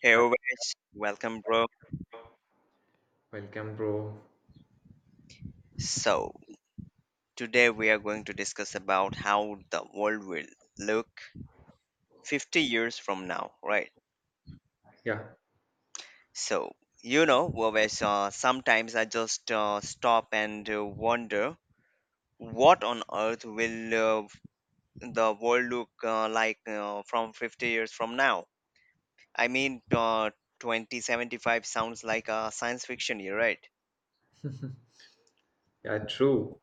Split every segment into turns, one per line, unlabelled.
Hey
Hi,
Ovesh, welcome bro.
welcome, bro.
So, today we are going to discuss about how the world will look 50 years from now, right?
Yeah,
So, Ovesh, sometimes I just stop and wonder what on earth will the world look like from 50 years from now? I mean, uh, 2075 sounds like a science fiction year, right?
yeah, true.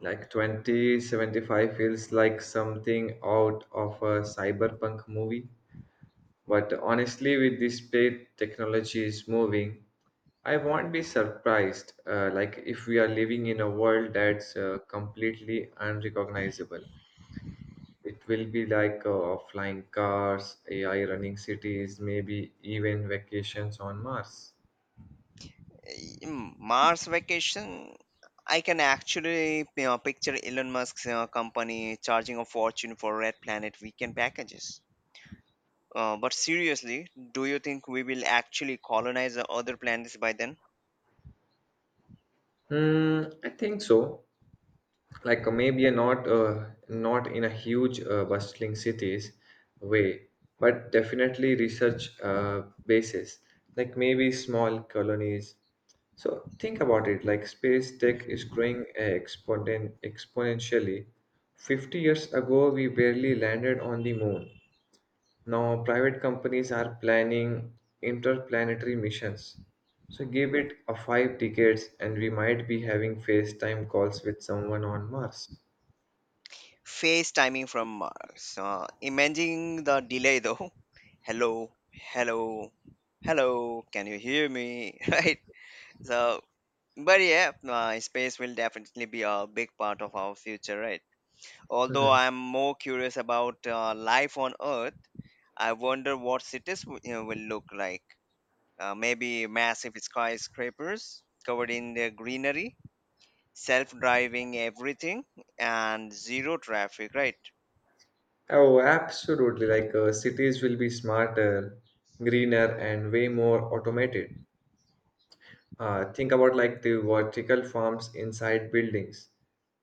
Like 2075 feels like something out of a cyberpunk movie. But honestly, with this state technology is moving, I won't be surprised. Like if we are living in a world that's completely unrecognizable, it will be like flying cars, AI running cities, maybe even vacations on Mars.
Mm, Mars vacation, I can actually picture Elon Musk's company charging a fortune for Red Planet weekend packages. But seriously, do you think we will actually colonize the other planets by then?
Hmm, I think so. Like maybe not in a huge bustling cities way, but definitely research basis, like maybe small colonies. So think about it, like space tech is growing exponentially. 50 years ago we barely landed on the moon. Now private companies are planning interplanetary missions, so give it a 5 decades and we might be having FaceTime calls with someone on Mars.
Phase timing from Mars. Imagine the delay though. Hello, hello, hello, can you hear me? Right? So, but yeah, space will definitely be a big part of our future, right? Although
Mhm.
I'm more curious about life on Earth, I wonder what cities will look like. Maybe massive skyscrapers covered in their greenery, self driving everything, and zero traffic, right?
Oh, absolutely. Like cities will be smarter, greener, and way more automated. Think about like the vertical farms inside buildings,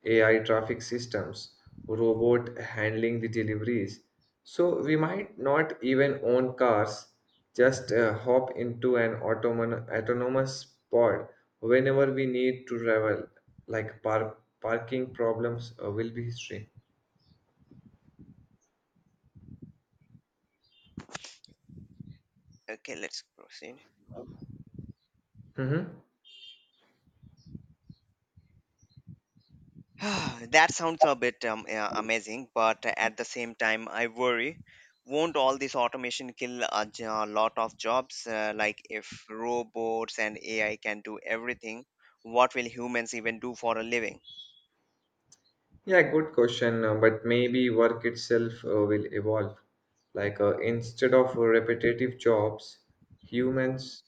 AI traffic systems, robot handling the deliveries. So we might not even own cars, just hop into an autonomous pod whenever we need to travel. Like parking problems will be history.
Okay, let's proceed.
Mm-hmm.
That sounds a bit amazing, but at the same time, I worry won't all this automation kill a lot of jobs? Like, if robots and AI can do everything, what will humans even do for a living?
Yeah, good question. But maybe work itself will evolve. Like instead of repetitive jobs, humans.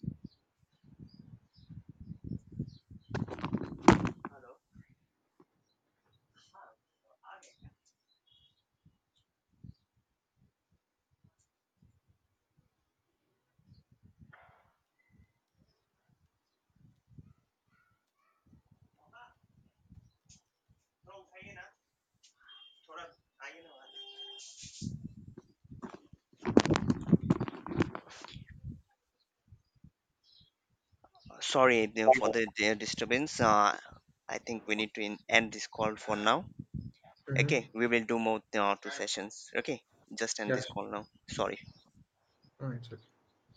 Sorry for the disturbance. I think we need to end this call for now.
Mhm.
Okay, we will do more two sessions. Okay, just end
Yeah,
this
sure.
call now. Sorry.
No, it's okay.